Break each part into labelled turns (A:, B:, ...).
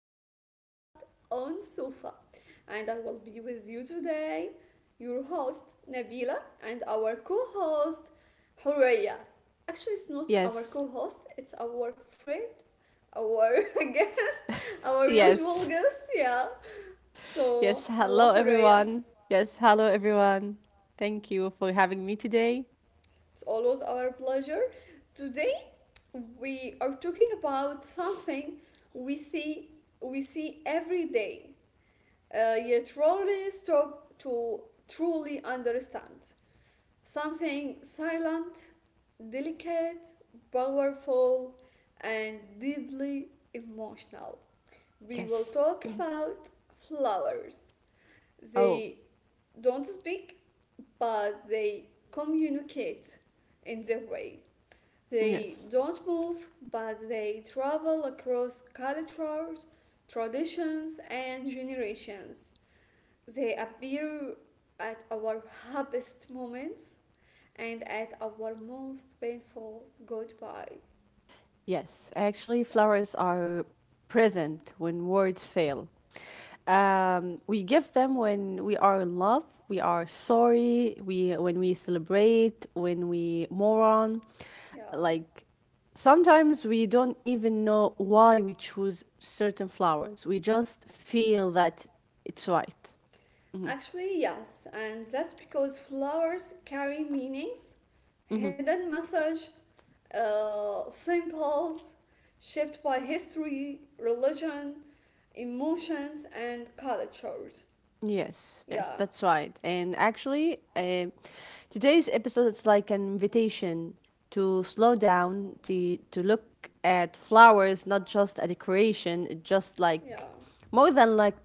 A: favorite podcast on Sofa. And I will be with you today, your host Nabila, and our co host Horeya. Actually, it's not our
B: Yes,
A: co host, it's our friend, our guest, our
B: yes,
A: usual guest, yeah.
B: yes.
A: So, hello,
B: Hello,
A: Horeya.
B: everyone. Yes, hello, everyone. Thank you for having me today.
A: It's always our pleasure. Today we are talking about something we see we see every day, yet rarely stop to truly understand. Something silent, delicate, powerful, and deeply emotional. We will
B: Yes.
A: talk about flowers.
B: Oh,
A: They don't speak, but they communicate in their way. They
B: yes.
A: don't move, but they travel across cultures, traditions, and generations. They appear at our happiest moments and at our most painful goodbye.
B: Yes. Actually,
A: Yeah,
B: flowers are present when words fail. We give them when we are in love, we are sorry, we when we celebrate, when we mourn.
A: yeah.
B: Like sometimes we don't even know why we choose certain flowers, we just feel that it's right.
A: Actually, yes, and that's because flowers carry meanings, hidden message, symbols shaped by history, religion, emotions, and cultures.
B: Yes, yes,
A: Yeah,
B: that's right. And actually, today's episode is like an invitation to slow down, to look at flowers not just a decoration, it just
A: yeah,
B: like more than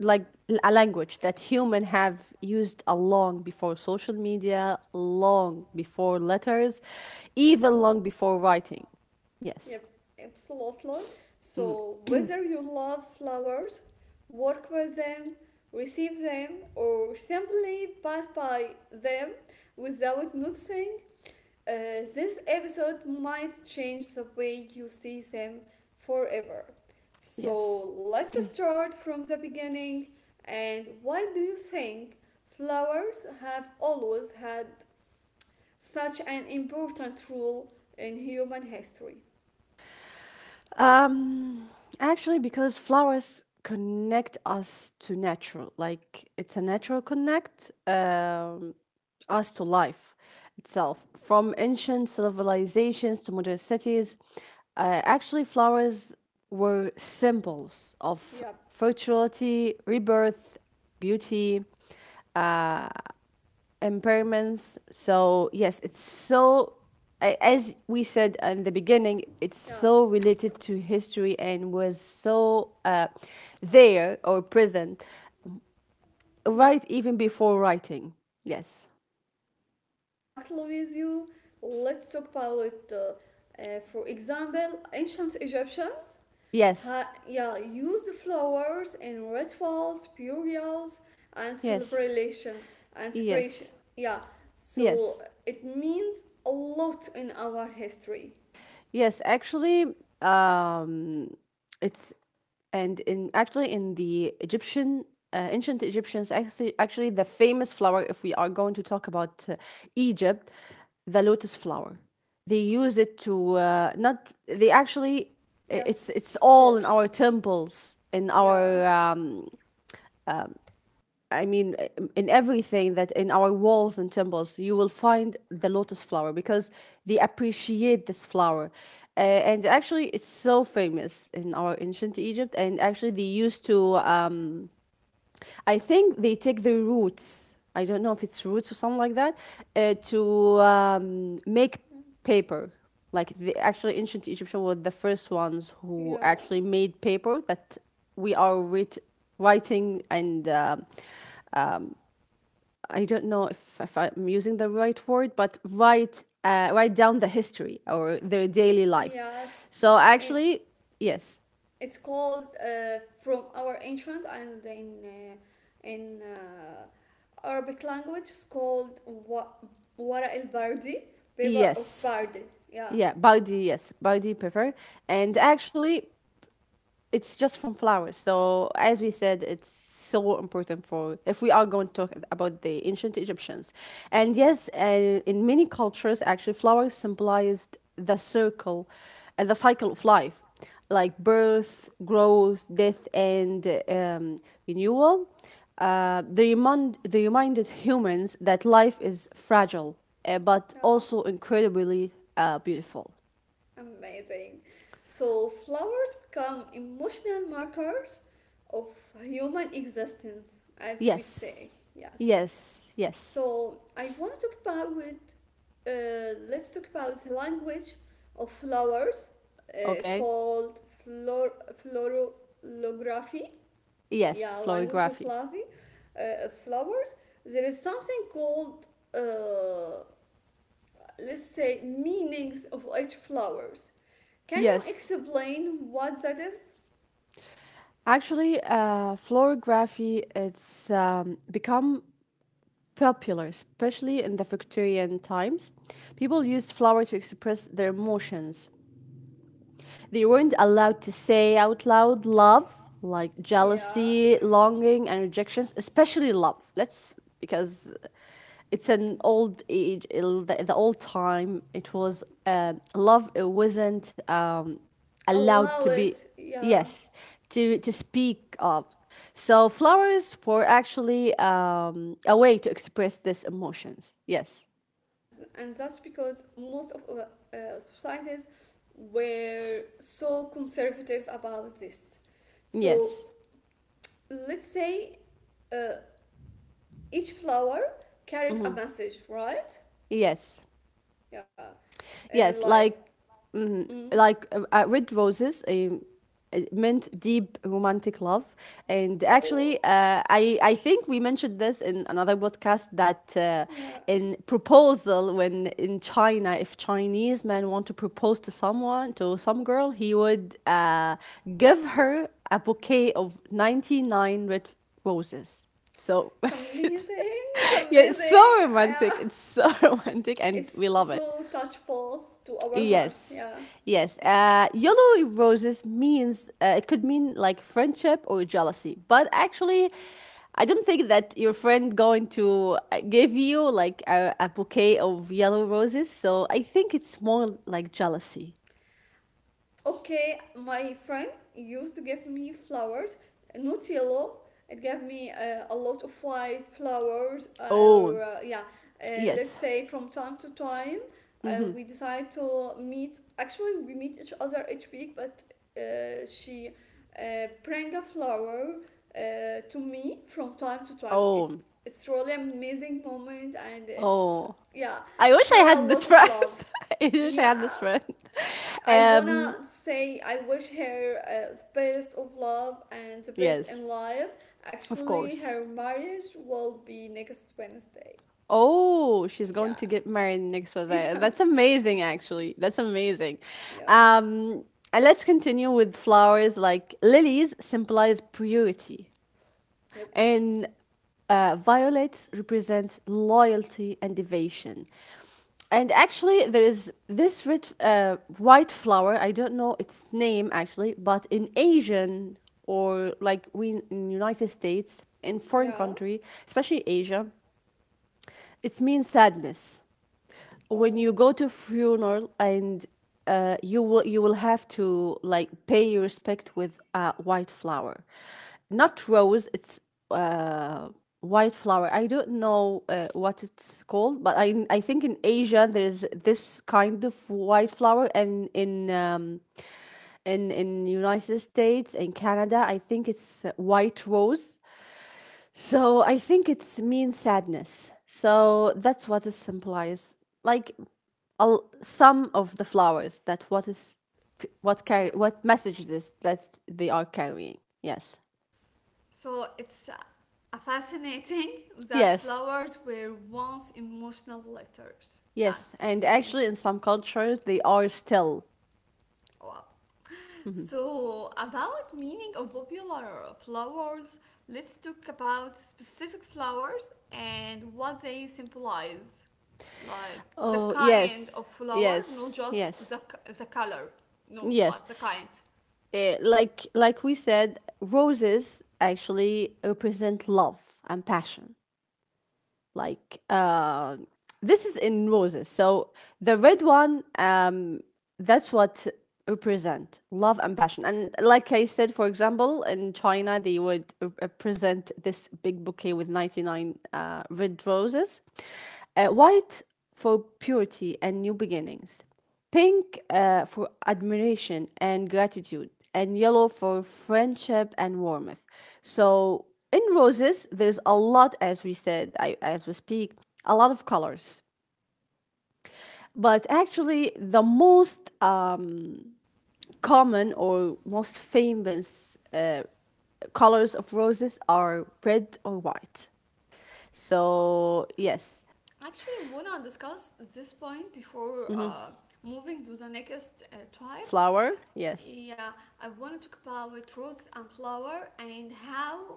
B: like a language that human have used a long before social media, long before letters, even long before writing. Yes,
A: yep, absolutely. So whether you love flowers, work with them, receive them, or simply pass by them without noticing, this episode might change the way you see them forever. So
B: yes.
A: let's start from the beginning. And why do you think flowers have always had such an important role in human history?
B: Um, Actually, because flowers connect us to natural, like it's a natural connect us to life itself. From ancient civilizations to modern cities, actually, flowers were symbols of
A: Yep.
B: fertility, rebirth, beauty impairments. So yes, it's so I as we said in the beginning, it's
A: Yeah.
B: so related to history and was so there or present
A: Yeah.
B: right even before writing. Yes,
A: Exactly with you. Let's talk about, for example, ancient Egyptians.
B: yes,
A: Yeah, used flowers in rituals, burials, and
B: yes,
A: celebration and separation.
B: yes,
A: Yeah,
B: yes.
A: so it means a lot in our history.
B: Yes, actually, um, it's and in actually in the Egyptian ancient Egyptians, actually the famous flower, if we are going to talk about Egypt, the lotus flower. They use it to not they actually I- it's
A: Yes, of
B: all in
A: course.
B: our temples, in
A: Yeah,
B: our I mean, in everything, that in our walls and temples, you will find the lotus flower because they appreciate this flower. And actually, it's so famous in our ancient Egypt. And actually, they used to, I think they take the roots, I don't know if it's roots or something like that, to make paper. Like the actually ancient Egyptian were the first ones who
A: yeah,
B: actually made paper that we are writing and I don't know if I'm using the right word, but write write down the history or their daily life.
A: yes.
B: So
A: And
B: actually, yes,
A: it's called, from our ancient, and in Arabic language. It's called wara el bardi, paper of
B: yes,
A: bardi. Yeah,
B: yeah, Bardi, yes, Bardi Pepper, and actually it's just from flowers. So as we said, it's so important for if we are going to talk about the ancient Egyptians, and yes, in many cultures, actually, flowers symbolized the circle, the cycle of life, like birth, growth, death, and renewal. They remind they reminded humans that life is fragile, but
A: yeah,
B: also incredibly beautiful.
A: amazing. So flowers become emotional markers of human existence, as we
B: Yes,
A: say. Yes.
B: yes.
A: So I want to talk about with, let's talk about the language of flowers. It's
B: Okay.
A: called florography. Yeah,
B: Yes,
A: language of
B: florography.
A: flowers. There is something called, uh, let's say, meanings of each flowers. Can you
B: Yes,
A: explain what that is?
B: actually, florography, it's become popular, especially in the Victorian times. People used flower to express their emotions. They weren't allowed to say out loud love, like
A: Yeah,
B: jealousy, longing, and rejections, especially love. Let's, because it's an old age, the old time, it was love, it wasn't allowed
A: allow
B: to be,
A: it. Yeah.
B: yes, to speak of. So flowers were actually a way to express these emotions. Yes,
A: And that's because most of our, societies were so conservative about this. So
B: yes,
A: let's say, uh, each flower carried a message, right?
B: yes.
A: Yeah,
B: Yes,
A: like
B: like
A: mm,
B: like Red Roses, it meant deep romantic love, and
A: oh,
B: actually, I think we mentioned this in another podcast that
A: yeah,
B: in proposal, when in China, if Chinese man want to propose to someone, to some girl, he would give her a bouquet of 99 red roses. So,
A: it's
B: it's,
A: amazing, it's
B: yeah, it's so
A: amazing.
B: romantic. It's so romantic, and we
A: It's
B: love it.
A: so touchable to our hearts.
B: Yes,
A: Yeah.
B: yes. Yellow roses means it could mean like friendship or jealousy, but actually, I don't think that your friend going to give you like a bouquet of yellow roses. So I think it's more like jealousy.
A: Okay, my friend used to give me flowers, not yellow. It gave me a lot of white flowers. Or,
B: Oh,
A: yeah, let's
B: yes.
A: say, from time to time, we decide to meet. Actually, we meet each other each week, but she, bring a flower to me from time to time. It,
B: Oh,
A: it's really amazing moment, and it's,
B: oh.
A: yeah,
B: I wish I
A: carry a
B: had
A: lot
B: this
A: of
B: friend.
A: love.
B: I wish I
A: Yeah.
B: had this friend.
A: I
B: Um,
A: wanna say I wish her the best of love and the best
B: yes,
A: in life.
B: of
A: Actually,
B: course.
A: her marriage will be next Wednesday.
B: Oh, she's
A: Yeah,
B: going to get married next Jose.
A: yeah,
B: That's amazing, actually. That's amazing.
A: yeah,
B: Um, and let's continue with flowers like lilies symbolize purity,
A: yep,
B: and violets represent loyalty and devotion. And actually, there is this red, white flower. I don't know its name actually, but in Asian or like we in United States, in foreign
A: yeah.
B: country, especially Asia, it means sadness when you
A: Oh,
B: go to funeral and you will, you will have to like pay your respect with white flower, not rose. It's uh, white flower. I don't know what it's called, but I think in Asia there is this kind of white flower, and in in United States and Canada, I think it's white rose. So I think it's means sadness. So that's what it symbolizes. Like some of the flowers, that what is what carry
A: yep.
B: what message this that they are carrying. Yes.
A: So it's, a fascinating that
B: Yes.
A: flowers were once emotional letters. Yeah,
B: Yes.
A: it's
B: And actually
A: amazing.
B: in some cultures they are still.
A: Wow. So, about meaning of popular flowers, let's talk about specific flowers and what they symbolize. Like the
B: Oh
A: kind
B: yes.
A: of flower, not
B: Yes.
A: just
B: Yes.
A: the color. No,
B: Yes.
A: but the kind.
B: Eh, like we said, roses actually represent love and passion. Like, this is in roses. So the red one, that's what represent love and passion, and like I said, for example, in China, they would present this big bouquet with 99 red roses. Uh, white for purity and new beginnings, pink for admiration and gratitude, and yellow for friendship and warmth. So in roses there's a lot, as we said, as we speak, a lot of colors, but actually the most common or most famous colors of roses are red or white.
A: Oh,
B: So, yes.
A: actually, I want to discuss this point before moving to the next tribe.
B: Flower? Yes.
A: Yeah, I want to talk about rose and flower and how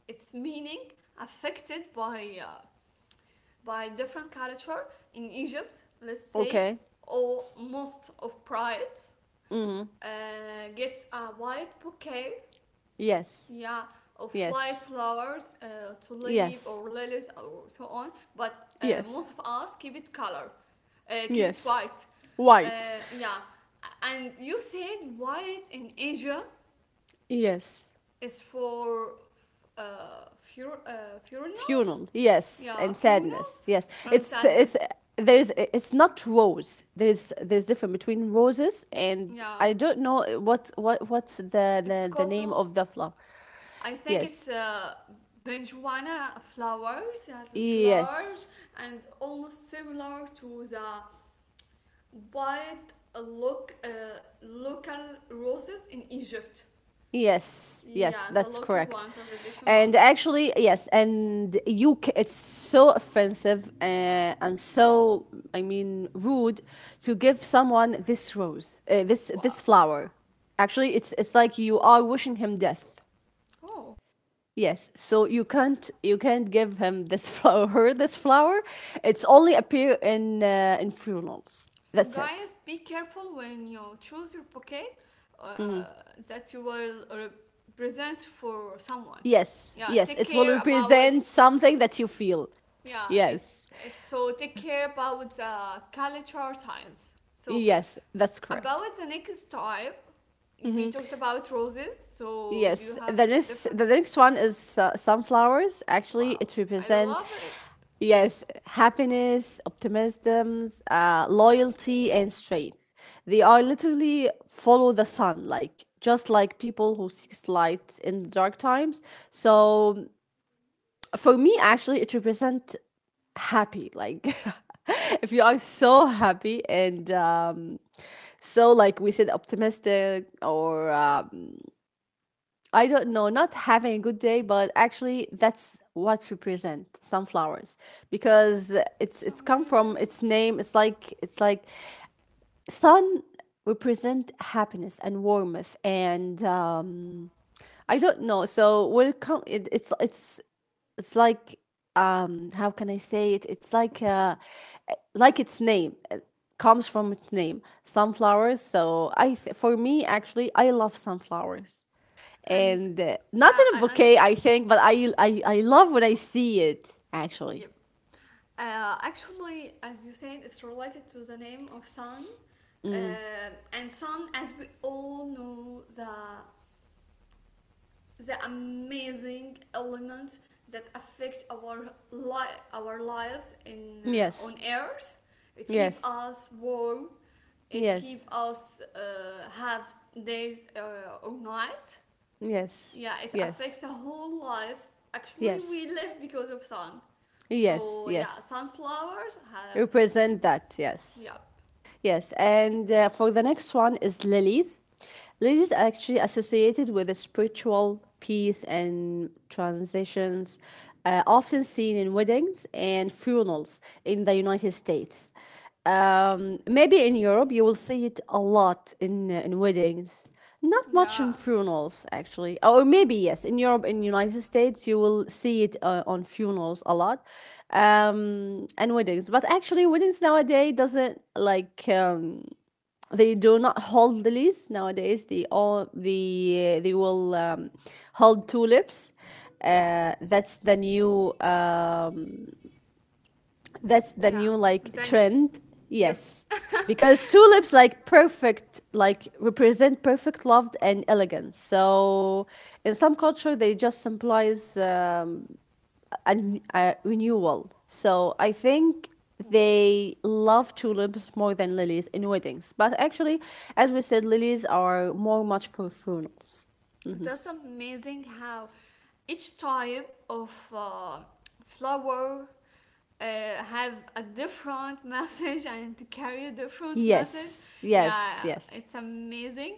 A: its meaning affected by different culture in Egypt, let's say,
B: Okay.
A: or most of bride uh, get a white bouquet,
B: Yes.
A: yeah, of white
B: Yes.
A: flowers, tulip
B: Yes.
A: or lilies or so on. But
B: Yes.
A: most of us keep it color, keep it
B: Yes.
A: white, uh,
B: White.
A: yeah. And you said white in Asia
B: Yes.
A: is for funerals,
B: Funeral. Yes.
A: yeah,
B: And
A: funerals
B: sadness. Yes.
A: and
B: It's
A: sadness,
B: it's there's it's not rose. There's different between roses and,
A: yeah.
B: I don't know what what's the
A: It's
B: the, the
A: called,
B: name of the flower.
A: I think it's,
B: Yes.
A: Benjuana flowers. It is large
B: Yes.
A: and almost similar to the white look, local roses in Egypt.
B: Yes,
A: Yeah, the
B: that's
A: local
B: correct.
A: ones are the Dishon one.
B: And actually, yes, and you it's so offensive and so I mean rude to give someone this rose, this
A: Wow.
B: this flower. Actually, it's like you are wishing him death.
A: Oh.
B: Yes, so you can't, you can't give him this flower, this flower. It's only appear in funerals.
A: So,
B: That's it.
A: guys, be careful when you choose your bouquet, uh, that you will represent for someone.
B: Yes,
A: Yeah,
B: yes,
A: take
B: it will
A: care about.
B: represent something that you feel.
A: Yeah, it's,
B: Yes,
A: it's so take care about the culture science. So
B: yes, that's correct.
A: about the next type, we talked about roses. So you
B: Yes,
A: have
B: the next
A: different.
B: the next one is sunflowers. Actually,
A: Wow,
B: it
A: I love
B: represent
A: it.
B: yes happiness, optimism, loyalty, and strength. They are literally follow the sun, like just like people who seeks light in dark times. So for me, actually, it represent happy, like, if you are so happy and so like we said, optimistic, or I don't know, not having a good day, but actually, that's what represent sunflowers, because it's
A: It's
B: come from
A: amazing.
B: its name. It's like, it's like sun represent happiness and warmth, and I don't know so will come it's it's like how can I say it? It's like its name, it comes from its name, sunflowers. So for me actually I love sunflowers.
A: And
B: And not
A: yeah,
B: in a
A: I under.
B: bouquet, I think, but I love when I see it
A: Yep.
B: actually.
A: Actually, as you said, it's related to the name of sun. And sun, as we all know, the amazing elements that affect our lives, in
B: Yes,
A: on earth, it keep
B: yes,
A: us warm, it
B: yes,
A: keep us, have days, or nights,
B: yes,
A: yeah, it
B: yes,
A: affects the whole life. Actually,
B: yes,
A: we live because of sun. So yeah,
B: yes.
A: sunflowers have,
B: Represent that, yes.
A: yeah,
B: Yes, and for the next one is lilies. Lilies are actually associated with a spiritual peace and transitions, often seen in weddings and funerals in the United States. Maybe in Europe you will see it a lot in weddings. Not much in
A: yeah,
B: funerals actually. Oh, or maybe yes, in Europe, in United States, you will see it on funerals a lot, and weddings. But actually, weddings nowadays doesn't like they do not hold lilies nowadays. They all the they will hold tulips. Uh, that's the new uh, that's the
A: yeah,
B: new like
A: then,
B: trend.
A: yep.
B: Yes. Because tulips like perfect like represent perfect love and elegance. So in some culture they just symbolize a renewal. So I think they love tulips more than lilies in weddings. But actually, as we said, lilies are more much for funerals.
A: That's amazing how each type of flower have a different message and carry a different message.
B: Yes.
A: Yeah,
B: Yes, yes.
A: it's amazing.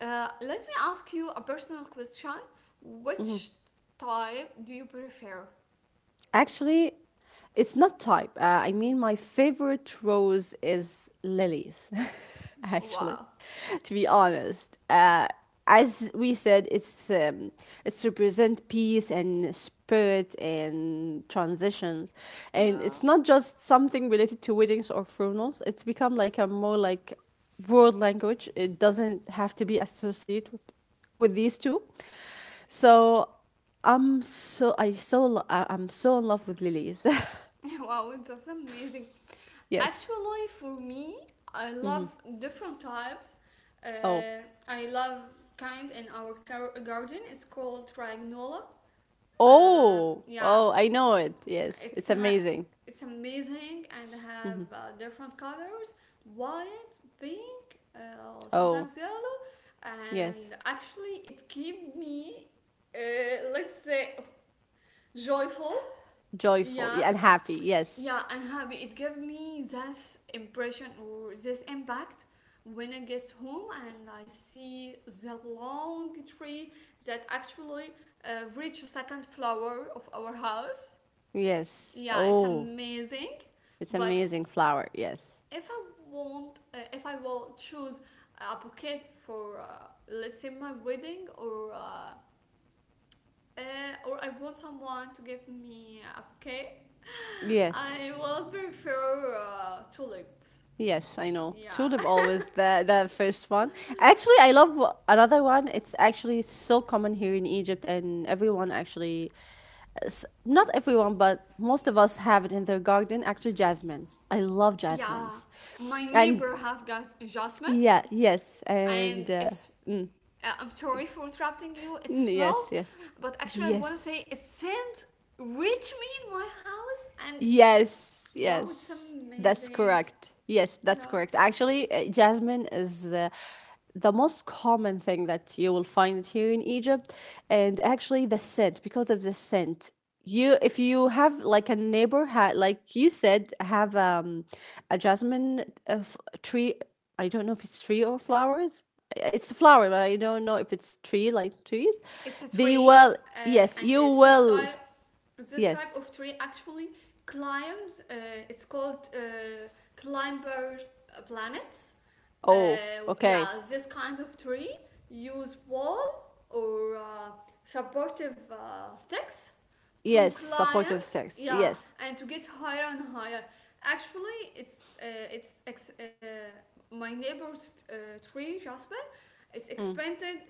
A: Let me ask you a personal question. Which type do you prefer?
B: Actually, it's not type. I mean, my favorite rose is lilies, actually,
A: Wow.
B: to be honest. As we said, it's represent peace and spirit and transitions, and
A: Yeah.
B: it's not just something related to weddings or funerals. It's become like a more like world language. It doesn't have to be associated with these two. So I'm so I- I'm so in love with lilies.
A: Wow, that's amazing.
B: yes.
A: Actually, for me, I love different types.
B: Oh.
A: Uh, I love kind in our garden. It's called Triagnola. Uh,
B: Oh.
A: yeah,
B: Oh, I know
A: it's
B: it. Yes.
A: it's,
B: It's
A: ha-
B: amazing.
A: it's amazing and have different colors: white, pink,
B: Oh.
A: sometimes yellow.
B: Yes.
A: And actually, it keep me, let's say, joyful.
B: Joyful
A: Yeah,
B: and happy. Yes.
A: yeah, I'm happy. It gave me this impression or this impact when I get home and I see the long tree that actually reached the second floor of our house.
B: Yes.
A: Yeah, it's
B: Oh,
A: amazing.
B: it's
A: But
B: amazing flower. Yes.
A: if I if I will choose a bouquet for, let's say, my wedding. Or, or I want someone to give me a bouquet.
B: Yes.
A: I will prefer tulips.
B: Yes, I know.
A: Yeah.
B: Tulip always the first one. Actually, I love another one. It's actually so common here in Egypt, and everyone actually, not everyone, but most of us have it in their garden. Actually, jasmines. I love
A: Yeah.
B: jasmines,
A: My
B: and
A: neighbor have gas jasmine,
B: yeah, yes, and
A: and it's I'm sorry for interrupting you. It's a
B: yes,
A: smell,
B: yes,
A: but actually I want to
B: yes.
A: say it scent reach me in my house, and
B: Yes,
A: wow, it's
B: yes, that's
A: amazing.
B: correct. Yes, that's
A: Yeah.
B: correct. Actually, jasmine is the most common thing that you will find here in Egypt, and actually the scent, because of the scent. You, if you have like a neighbor, like you said, have a jasmine uh, f- tree. I don't know if it's tree or flowers. It's a flower, but I don't know if it's tree like trees.
A: It's a
B: They
A: tree,
B: will. Yes,
A: and
B: you
A: it's this type,
B: will.
A: this type
B: Yes.
A: of tree actually climbs. It's called, climbers planets. Uh,
B: Oh, okay.
A: yeah, this kind of tree use wall or, supportive sticks to
B: Yes,
A: climb.
B: supportive sex.
A: Yeah,
B: Yes,
A: and to get higher and higher. Actually, it's ex- uh, my neighbor's, tree, Jasper. It's expanded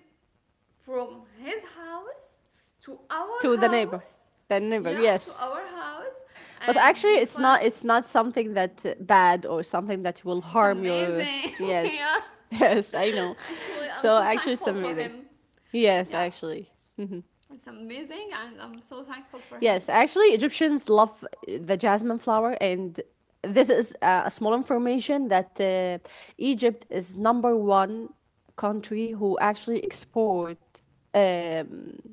A: from his house to our
B: to the neighbor,
A: house.
B: the neighbor.
A: Yeah, to
B: Yes,
A: our house,
B: but
A: and
B: actually,
A: we
B: it's
A: find
B: not. It's not something that bad or something that will
A: it's
B: harm your.
A: amazing. Yeah,
B: Yes, yes, I know.
A: actually I'm
B: So
A: so
B: actually, it's
A: thankful for
B: amazing.
A: him.
B: Yes,
A: Yeah,
B: actually.
A: it's amazing, and I'm so thankful for
B: Yes,
A: him.
B: actually, Egyptians love the jasmine flower, and this is a small information that. Egypt is number one country who actually export Um.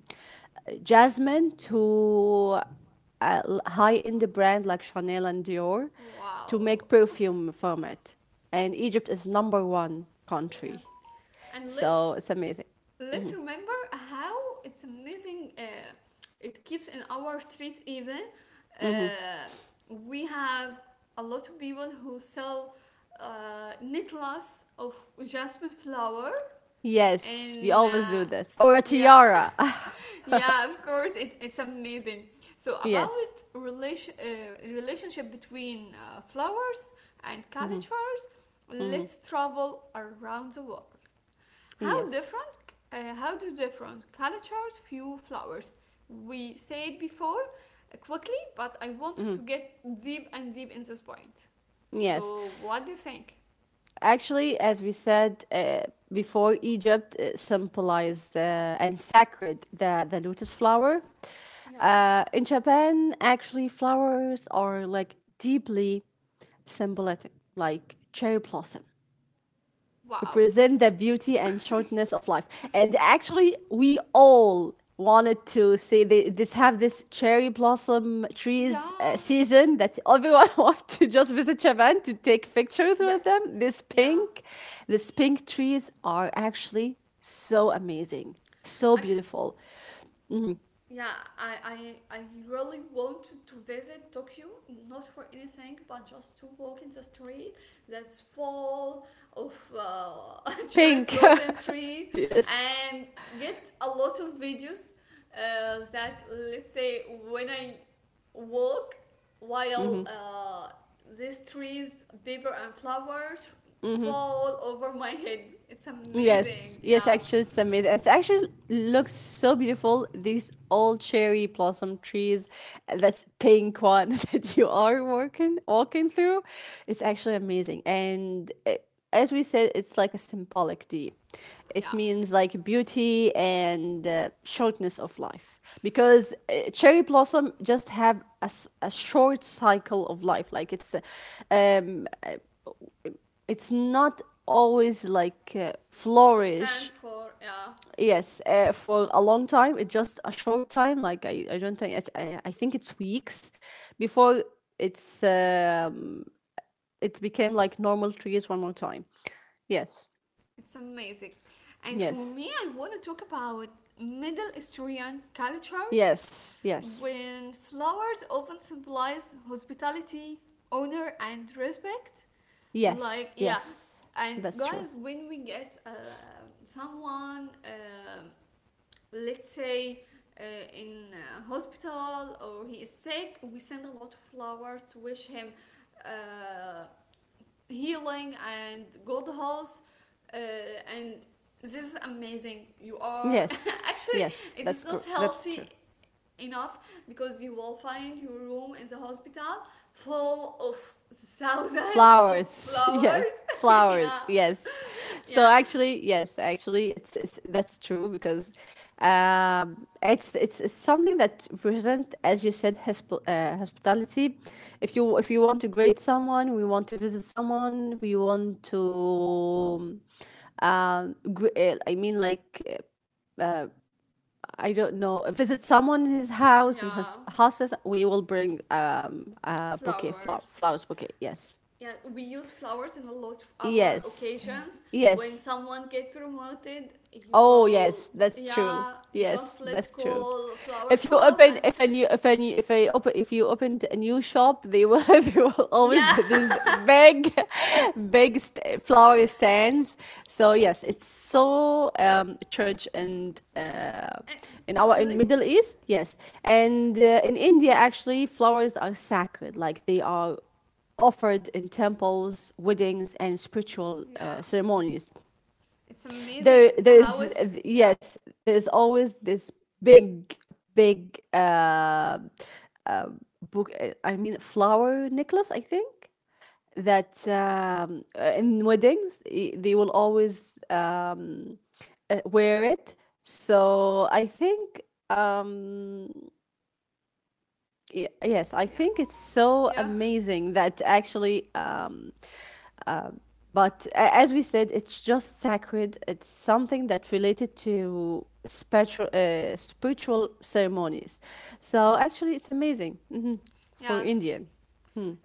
B: Jasmine to a high-end brand like Chanel and Dior to
A: Wow,
B: make perfume from it. And Egypt is number one
A: yeah.
B: country.
A: And
B: So
A: let's
B: it's amazing.
A: let's remember how it's amazing. It keeps in our streets even, uh, we have a lot of people who sell necklace of jasmine flower.
B: Yes, we
A: And
B: always do this. Or a
A: yeah,
B: tiara.
A: yeah, of course, it's amazing. So about
B: yes.
A: relationship between flowers and cultures, let's travel around the world. How
B: Yes.
A: different? How do different cultures view flowers? We said before, quickly, but I want to get deep and deep in this point.
B: Yes.
A: So, what do you think?
B: Actually, as we said before, Egypt symbolize and sacred the lotus flower.
A: Yeah.
B: In Japan, actually, flowers are like deeply symbolic, like cherry blossom
A: Wow.
B: represent the beauty and shortness of life. And actually, we all wanted to see they. This have this cherry blossom trees
A: Yeah.
B: season that everyone want to just visit Japan to take pictures with
A: Yeah.
B: them.
A: Yeah.
B: This pink trees are actually so amazing, so
A: Actually,
B: beautiful.
A: yeah, I really wanted to visit Tokyo, not for anything, but just to walk in the street that's full of, cherry
B: Pink.
A: blossom tree
B: yes.
A: and get a lot of videos, that, let's say, when I walk while, these trees, paper and flowers fall over my head. It's amazing,
B: Yes, yes,
A: yeah,
B: actually, it's amazing. It actually looks so beautiful. These old cherry blossom trees, that's pink one that you are walking through. It's actually amazing, and as we said, it's like a symbolic deed. It
A: yeah.
B: means like beauty and shortness of life because cherry blossom just have a short cycle of life. Like um, it's not always like
A: Stand
B: flourish.
A: for, yeah.
B: Yes, for a long time, it just a short time. Like I don't think it's, I think it's weeks before it's um, it became like normal trees one more time. Yes,
A: It's amazing. And for me,
B: yes,
A: I want to talk about Middle Eastern cultures
B: yes, yes,
A: when flowers often symbolize hospitality, honor, and respect. Like,
B: yes,
A: yeah.
B: yes.
A: And
B: That's true.
A: guys, when we get, someone, let's say, uh, in a hospital or he is sick, we send a lot of flowers to wish him uh, healing and good health. uh, and this is amazing. You are
B: Yes,
A: actually,
B: yes,
A: it is not
B: that's
A: healthy
B: true.
A: enough, because you will find your room in the hospital full of thousands of
B: Flowers, yes,
A: flowers. Yeah,
B: flowers, yes.
A: yeah,
B: So actually, yes, actually, it's that's true because it's something that represent, as you said, hospitality. If you want to greet someone, we want to visit someone, we want to, I mean, I don't know, visit someone in his house in
A: yeah,
B: his houses. We will bring a bouquet flower
A: flowers,
B: flowers bouquet. Yes.
A: yeah, we use flowers in a lot of our
B: Yes.
A: occasions. When
B: Yes.
A: someone get promoted, you
B: Oh
A: will,
B: yes, that's true.
A: yeah, just
B: Yes,
A: let's
B: that's true.
A: call flower
B: If you
A: shop, and
B: open if any if any if I open if you opened a new shop, they will they will always
A: yeah.
B: have this big flower stands. So yes, it's so church and in our in
A: Like,
B: Middle East, yes. And in India actually flowers are sacred, like they are offered in temples, weddings, and spiritual
A: yeah.
B: ceremonies.
A: It's amazing.
B: there
A: The
B: there's
A: house. Yeah.
B: yes there's always this big big book I mean flower necklace I think that in weddings they will always wear it so I think um yes I
A: Yeah.
B: think it's so
A: Yeah.
B: amazing that actually um. But as we said, it's just sacred. It's something that related to spiritual, spiritual ceremonies. So actually, it's amazing hmm for
A: Yes.
B: Indian.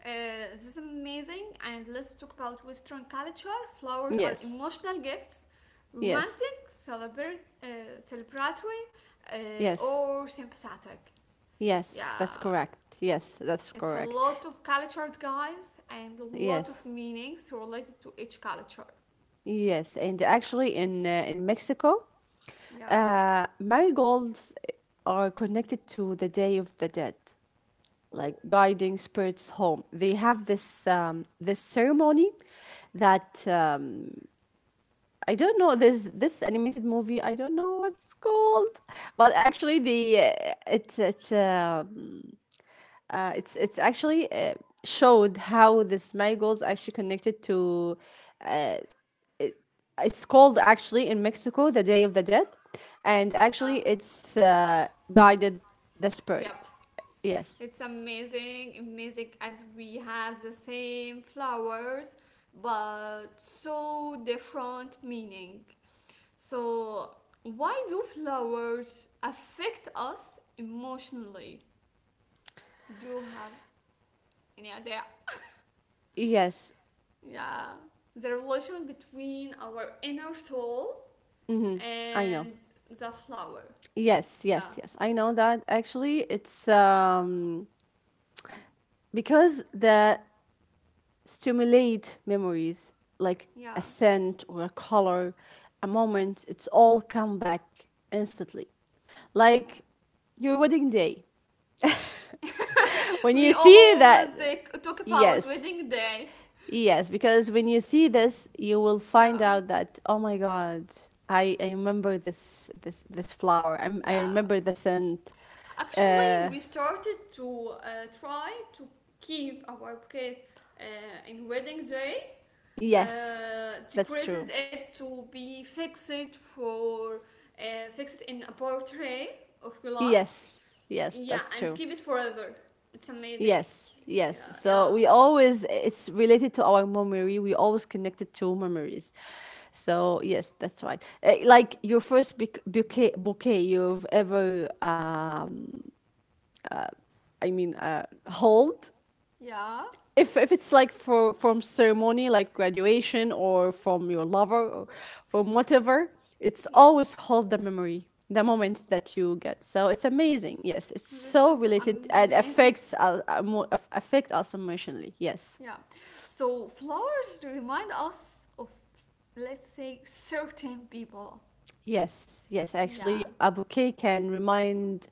A: This is amazing. And let's talk about Western culture. Flowers are
B: Yes,
A: emotional gifts,
B: yes,
A: romantic, celebratory,
B: yes,
A: or sympathetic.
B: yes. That's
A: Yeah.
B: correct. Yes, that's
A: It's a
B: correct.
A: lot of cultures, guys, and a lot of
B: Yes,
A: meanings related to each culture.
B: yes. And
A: Yeah.
B: actually, in Mexico,
A: Yeah.
B: marigolds are connected to the Day of the Dead, like
A: Oh.
B: guiding spirits home. They have this ceremony that I don't know this this animated movie. I don't know what it's called, but actually the it's actually showed how this marigolds actually connected to. Uh, it's called actually in Mexico the Day of the Dead, and
A: Yeah.
B: actually it's guided the spirit.
A: Yep.
B: Yes,
A: It's amazing, amazing, as we have the same flowers but so different meaning. So, why do flowers affect us emotionally? Do you have any idea?
B: yes,
A: Yeah, the relation between our inner soul
B: mm-hmm. I know.
A: and the flower.
B: Yes,
A: Yeah,
B: yes, yes. I know that actually it's because the stimulate memories like a
A: yeah,
B: scent or a color, a moment, it's all come back instantly.
A: yeah.
B: Like your wedding day. When you
A: We
B: see
A: always
B: that,
A: like, talk about
B: yes,
A: wedding day.
B: yes, because when you see this, you will find
A: Yeah,
B: out that oh my god, I remember this flower. I
A: yeah.
B: remember the scent.
A: Actually, we started to try to keep our bouquet uh, in wedding day.
B: Yes, that's
A: Decorated
B: true.
A: it to be fixed for, fixed in a portrait of glass.
B: Yes, yes,
A: Yeah,
B: that's
A: and keep
B: true.
A: it forever. It's amazing.
B: Yes,
A: Yeah,
B: yes.
A: yeah.
B: So we always, it's related to our memory. We always connected to memories. So yes, that's right. Like your first bouquet you've ever, I mean, hold
A: Yeah,
B: if it's like for from ceremony like graduation or from your lover or from whatever it's
A: yeah.
B: always hold the memory the moment that you get so it's amazing yes it's
A: This
B: so
A: is
B: related and
A: amazing.
B: affects us affect us emotionally yes
A: Yeah. So flowers remind us of, let's say, certain people.
B: yes yes
A: Yeah.
B: actually a bouquet can remind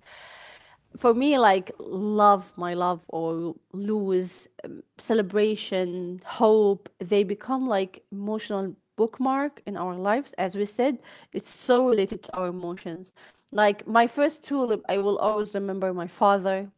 B: for me like love my love or lose celebration hope they become like emotional bookmark in our lives as we said it's so related to our emotions like my first tulip I will always remember my father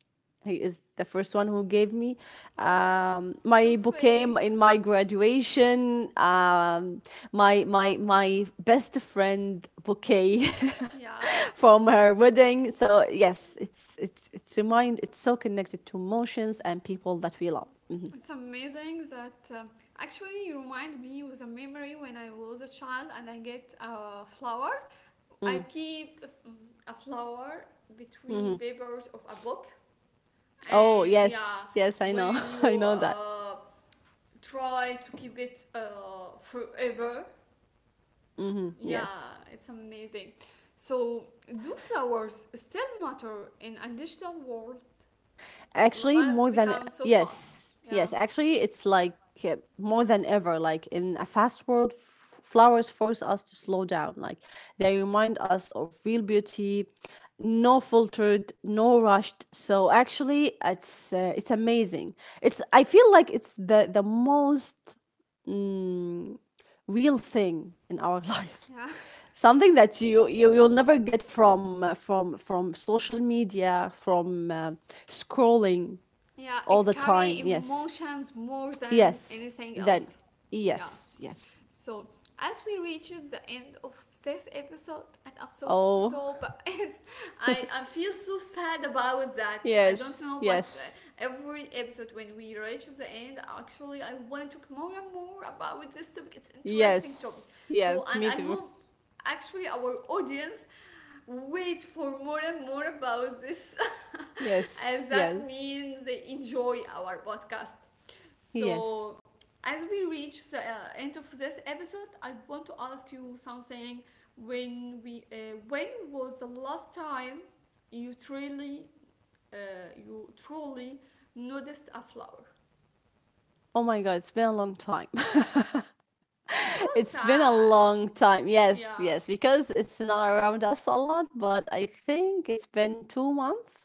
B: he is the first one who gave me
A: Oh, so
B: my bouquet
A: sweet.
B: in my graduation. My my best friend bouquet
A: Yeah,
B: from her wedding. So yes, it's remind it's so connected to emotions and people that we love.
A: it's amazing that, actually you remind me with a memory when I was a child and I get a flower. I keep a flower between papers of a book,
B: Oh
A: and yeah,
B: yes, yes, I know,
A: when
B: I
A: you
B: know that.
A: try to keep it forever,
B: Yes.
A: yeah, it's amazing. So, do flowers still matter in a digital world?
B: Actually,
A: Life
B: more than
A: becomes so fast.
B: yes,
A: Yeah.
B: yes. Actually, it's like more than ever. Like in a fast world, flowers force us to slow down. Like they remind us of real beauty, no filtered, no rushed. So actually, it's amazing. It's I feel like it's the most real thing in our lives,
A: Yeah.
B: something that you you'll never get from social media from scrolling
A: Yeah,
B: all
A: it
B: the
A: carry
B: time. Yes.
A: emotions more than
B: Yes.
A: anything
B: Then.
A: else. Yeah.
B: Yes. Yes.
A: So as we reach the end of this episode, and I'm so so,
B: Oh.
A: so but it's, I feel so sad about that. I don't
B: Yes.
A: know, but
B: Yes.
A: every episode when we reach the end, actually, I want to talk more and more about this topic. It's interesting topic.
B: Yes.
A: So,
B: Yes.
A: and
B: Me
A: I
B: too.
A: hope actually our audience wait for more and more about this,
B: Yes.
A: as that
B: Yes.
A: means they enjoy our podcast.
B: Yes.
A: So as we reach the, end of this episode, I want to ask you something. When we when was the last time you truly, uh, you truly noticed a flower?
B: Oh my god, it's been a long time.
A: So
B: it's been a
A: sad.
B: long time. Yes,
A: Yeah.
B: yes, because it's not around us a lot, but I think it's been 2 months.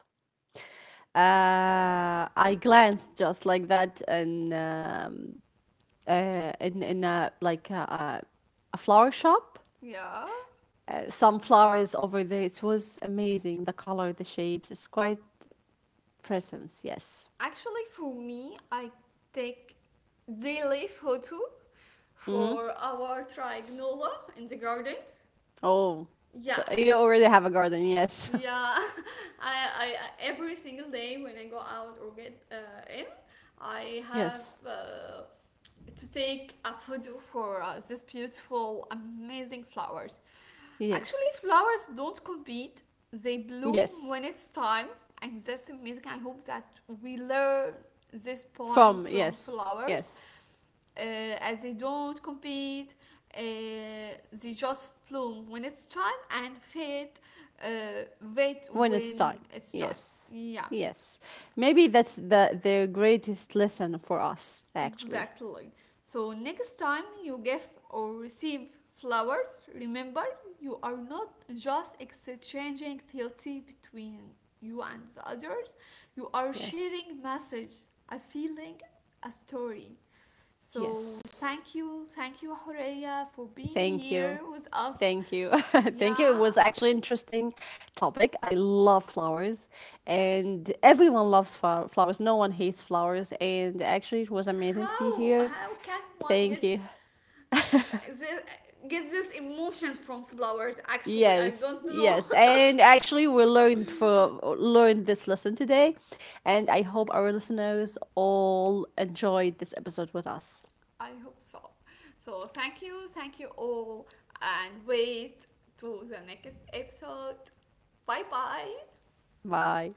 B: I glanced just like that in a like a, a flower shop
A: Yeah.
B: sunflowers over there. It was amazing. The color, the shapes. It's quite presence. Yes.
A: Actually, for me, I take daily photo for our triangula in the garden.
B: Oh,
A: Yeah,
B: so you already have a garden. Yes.
A: yeah. I every single day when I go out or get, in, I have,
B: yes.
A: to take a photo for, these beautiful, amazing flowers.
B: Yes.
A: Actually, flowers don't compete; they bloom
B: Yes.
A: when it's time, and that's amazing. I hope that we learn this point
B: From
A: from
B: yes.
A: flowers,
B: Yes.
A: uh, as they don't compete, uh, they just bloom when it's time and fade, uh, wait
B: When it's
A: when
B: time.
A: it's time,
B: Yes.
A: yeah.
B: Yes. Maybe that's the their greatest lesson for us. Actually.
A: Exactly. So next time you give or receive flowers, remember, you are not just exchanging beauty between you and the others, you are
B: Yes.
A: sharing message, a feeling, a story. So
B: Yes.
A: thank you, Horea, for being
B: Thank
A: here
B: you.
A: with us.
B: Thank you. Thank you.
A: Yeah,
B: It was actually interesting topic. I love flowers
A: yeah.
B: and everyone loves flowers. No one hates flowers and actually it was amazing to be
A: How
B: here.
A: how can one
B: Thank you.
A: this, get this emotion from flowers? Actually, I
B: Yes,
A: don't know.
B: yes. And actually we learned for learned this lesson today and I hope our listeners all enjoyed this episode with us.
A: I hope so. So thank you all, and wait to the next episode. Bye bye.
B: Bye.